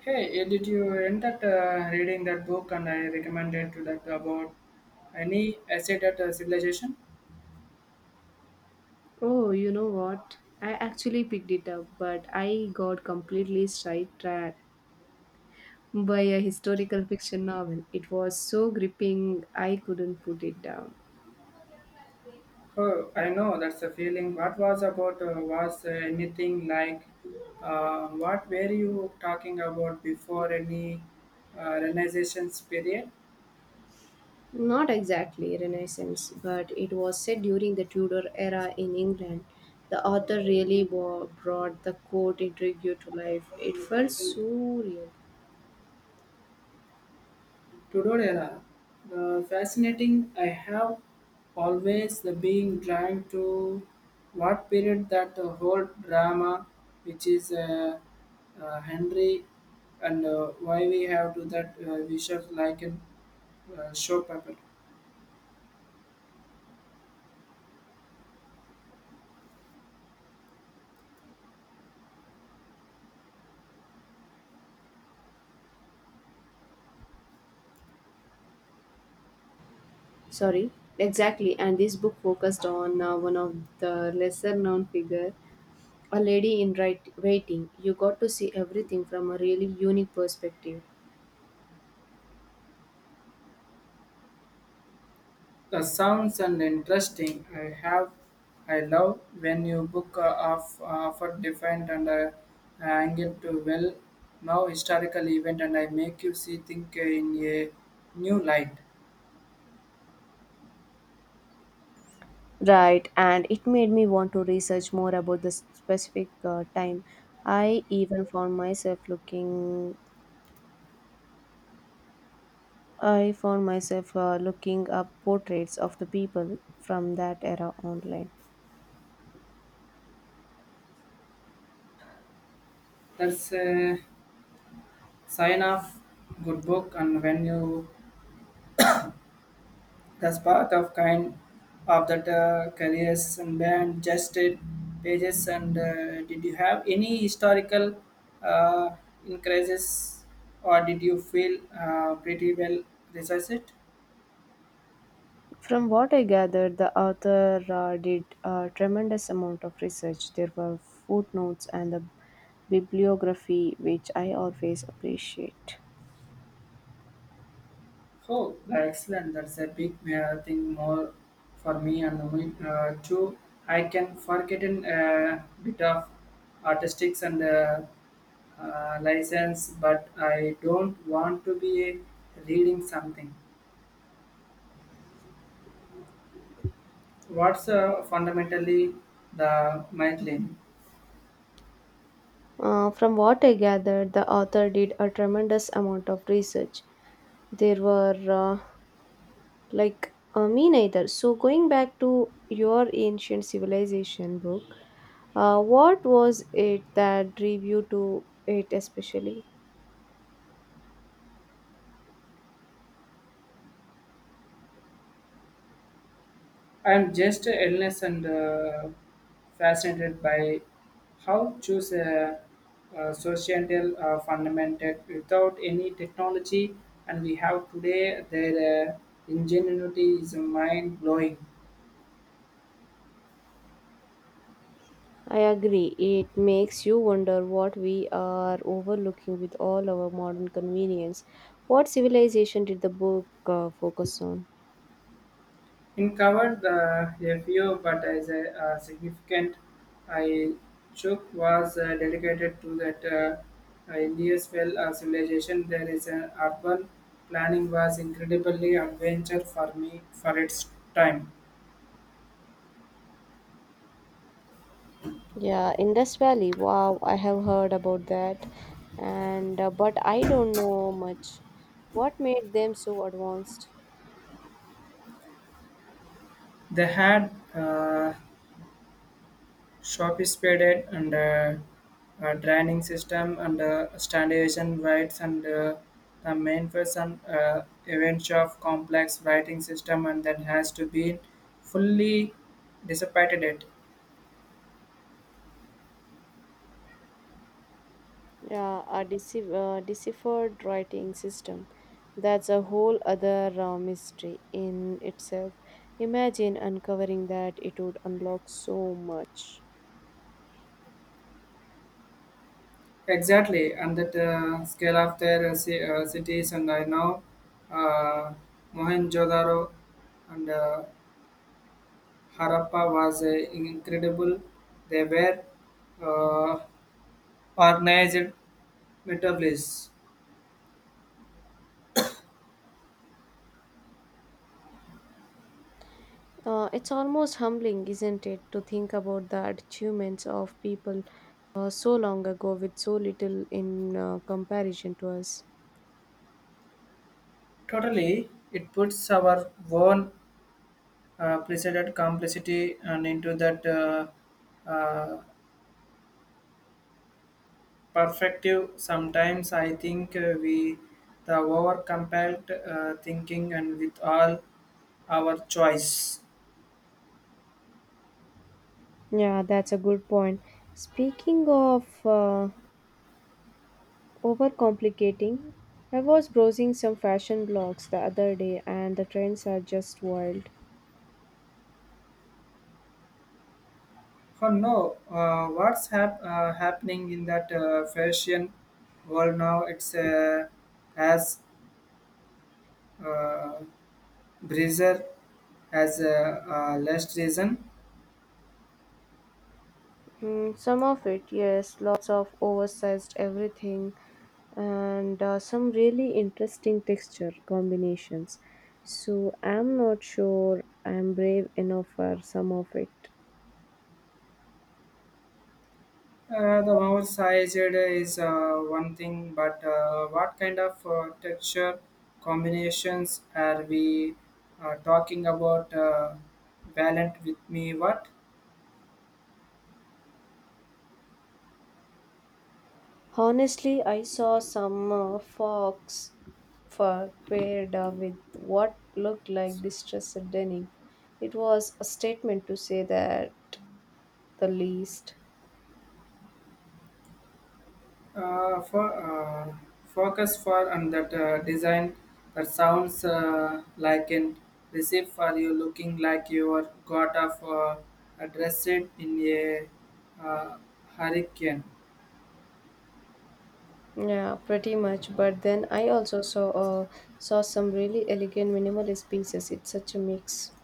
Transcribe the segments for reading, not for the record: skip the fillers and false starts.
Hey, did you end up reading that book and I recommended to that about any asset at civilization? Oh, you know what? I actually picked it up, but I got completely sidetracked by a historical fiction novel. It was so gripping, I couldn't put it down. Oh, I know that's a feeling. What was about was anything like what were you talking about before any renaissance period? Not exactly Renaissance, but it was set during the Tudor era in England. The author really brought the court intrigue to life. It felt so real. Tudor era. The fascinating I have always the being drawn to what period that the whole drama which is Henry and why we have to that visual like in showpaper. Sorry, exactly. And this book focused on one of the lesser known figure. A lady in right waiting. You got to see everything from a really unique perspective. The sounds and interesting. I love when you book off for different and angle to well now historical event and I make you see think in a new light. Right, and it made me want to research more about the specific time. I even found myself looking. I found myself looking up portraits of the people from that era online. That's a sign of good book and when you the path of kind of that careers and band just did pages and did you have any historical uh, increases or did you feel pretty well researched? From what I gathered, the author did a tremendous amount of research. There were footnotes and a bibliography, which I always appreciate. Oh, that's excellent. That's a big thing more for me and me too. I can forget in a bit of artistics and license, but I don't want to be reading something. What's fundamentally the migraine? From what I gathered, the author did a tremendous amount of research. There were me neither. So going back to your ancient civilization book, what was it that drew you to it especially? I'm just endless and fascinated by how choose a societal fundamental without any technology and we have today their ingenuity is mind blowing. I agree. It makes you wonder what we are overlooking with all our modern convenience. What civilization did the book focus on? In covered the review, but as a, significant, I took was dedicated to that India's well civilization. There is an urban planning was incredibly adventure for me for its time. Yeah, Indus Valley. Wow, I have heard about that. And but I don't know much. What made them so advanced? They had sophisticated and training system and standardization rights and the main person events of complex writing system and that has to be fully dissipated it. Yeah, a decif deciphered writing system. That's a whole other mystery in itself. Imagine uncovering that, it would unlock so much. Exactly, and that scale of their cities. And I know uh, Mohenjo-daro and Harappa was incredible. They were uh, organized metropolis. It's almost humbling, isn't it, to think about the achievements of people so long ago with so little in comparison to us. Totally, it puts our own preceded complexity and into that uh, perspective. Sometimes I think we the over compelled thinking and with all our choice. Yeah, that's a good point. Speaking of overcomplicating, I was browsing some fashion blogs the other day and the trends are just wild. For no, what's happening in that fashion world now? It's as uh, breezer as a last reason. Mm, some of it, yes, lots of oversized everything and some really interesting texture combinations. So I'm not sure I'm brave enough for some of it. The mouth size it is one thing, but what kind of texture combinations are we talking about? Valiant with me, what Honestly, I saw some fox fur paired with what looked like distressed denim. It was a statement to say that the least. For focus for and that design that sounds like an receipt for you looking like you are got off a dress it in a uh, hurricane. Yeah, pretty much. But then I also saw some really elegant minimalist pieces. It's such a mix.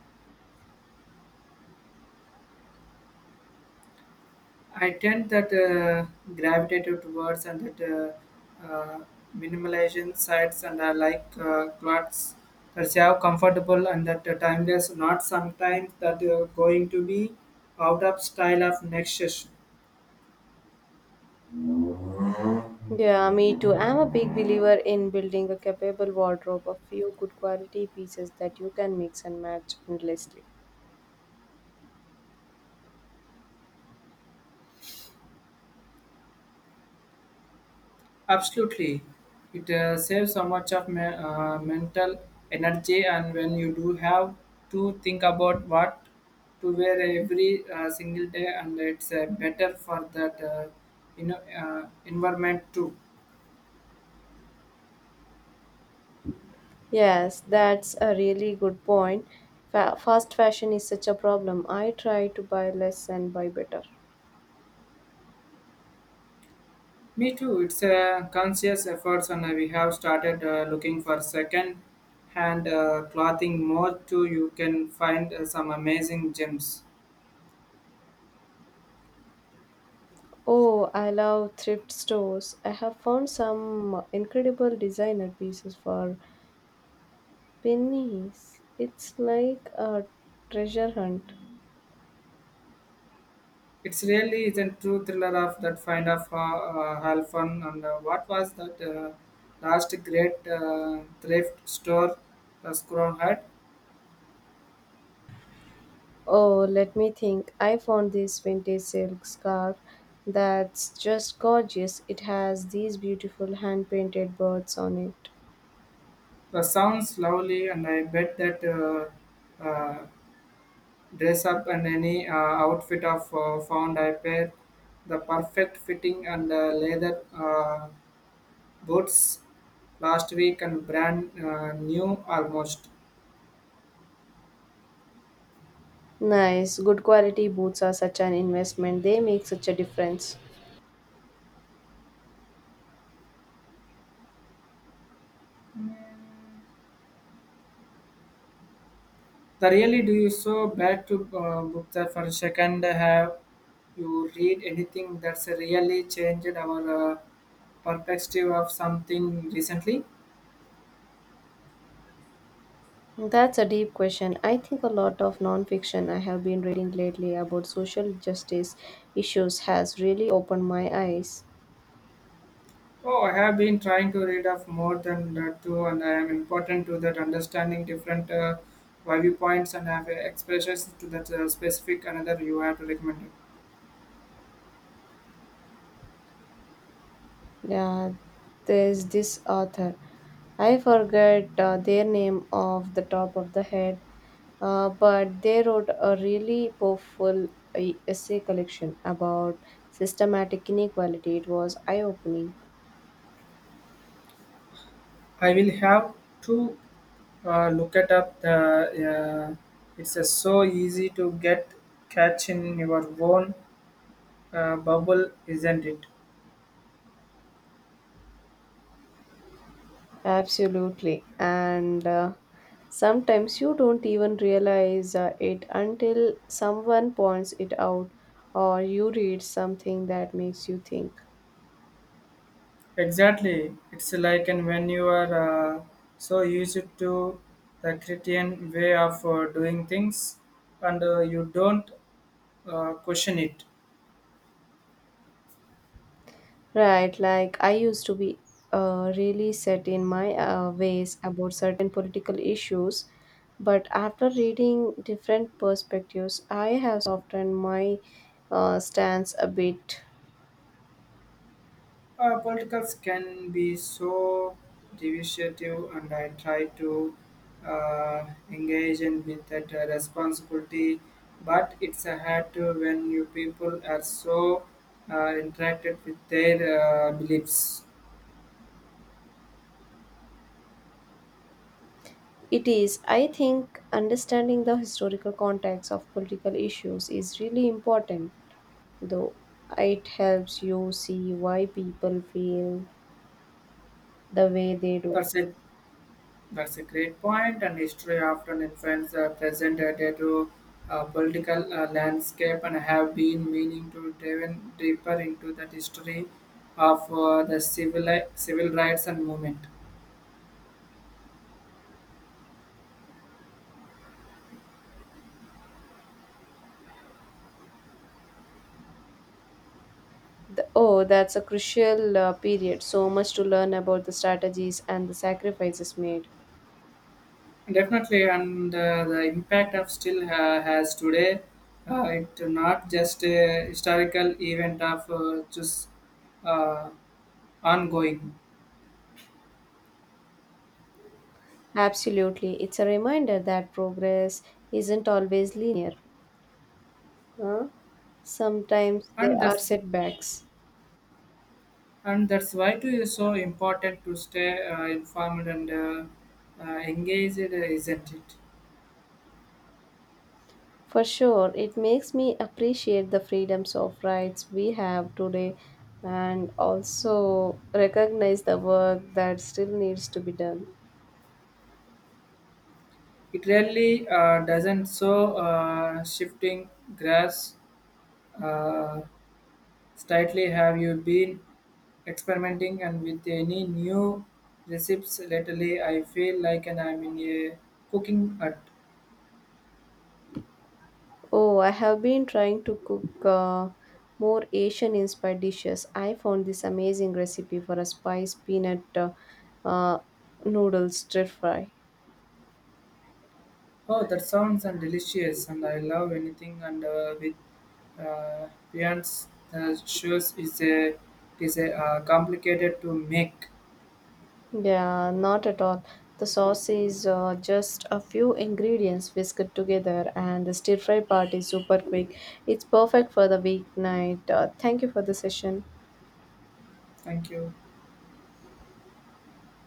I tend that gravitated towards and that uh, uh, minimalization sites and I like clothes that have comfortable and that timeless, not sometimes that going to be out of style of next session. Yeah, me too. I'm a big believer in building a capable wardrobe, a few good quality pieces that you can mix and match endlessly. Absolutely, it saves so much of mental energy and when you do have to think about what to wear every single day and it's better for that environment too. Yes, that's a really good point. Fast fashion is such a problem. I try to buy less and buy better. Me too. It's a conscious effort, and we have started looking for second-hand clothing more too. You can find some amazing gems. Oh, I love thrift stores. I have found some incredible designer pieces for pennies. It's like a treasure hunt. It's really is a true thriller of that find of half fun. And what was that last great thrift store the Scrum had? Oh, let me think. I found this vintage silk scarf that's just gorgeous. It has these beautiful hand painted birds on it. The sounds lovely, and I bet that uh, uh, dress up and any outfit of found I pair the perfect fitting and leather boots last week and brand new almost. Nice. Good quality boots are such an investment. They make such a difference. The really do you so bad to book that for a second have you read anything that's really changed our perspective of something recently? That's a deep question. I think a lot of nonfiction I have been reading lately about social justice issues has really opened my eyes. Oh, I have been trying to read of more than that too, and I am important to that understanding different viewpoints and have expressions to that specific another you have to recommend it. Yeah, there's this author. I forget their name off the top of the head, but they wrote a really powerful uh, essay collection about systematic inequality. It was eye opening. I will have to look it up. The yeah. It's so easy to get catch in your own bubble, isn't it? Absolutely. And sometimes you don't even realize it until someone points it out or you read something that makes you think. Exactly. It's like and when you are uh, so used to the Christian way of doing things, and you don't question it. Right, like I used to be really set in my ways about certain political issues, but after reading different perspectives, I have softened my stance a bit. Politicals can be so divisive, and I try to engage in with that responsibility. But it's a hard to when you people are so interacted with their beliefs. It is, I think, understanding the historical context of political issues is really important, though it helps you see why people feel the way they do. Percent. That's a great point, and history often influences the present day to political landscape, and have been meaning to dive in deeper into that history of the civil rights and movement. The, oh, that's a crucial period. So much to learn about the strategies and the sacrifices made. Definitely, and the impact of still has today. It's not just a historical event of just uh, ongoing, Absolutely. It's a reminder that progress isn't always linear. Huh? Sometimes there and are that's setbacks. and that's why it is so important to stay informed and engaged, isn't it? For sure, it makes me appreciate the freedoms of rights we have today and also recognize the work that still needs to be done. It really doesn't so shifting grass uh, slightly. Have you been experimenting and with any new recipes lately? I feel like and I'm in a cooking hut. Oh, I have been trying to cook more Asian inspired dishes. I found this amazing recipe for a spice peanut uh, noodle stir fry. Oh, that sounds and delicious, and I love anything and with uh, Beyond's shoes is a it is a complicated to make. Yeah, not at all. The sauce is just a few ingredients whisked together, and the stir fry part is super quick. It's perfect for the weeknight. Thank you for the session. Thank you.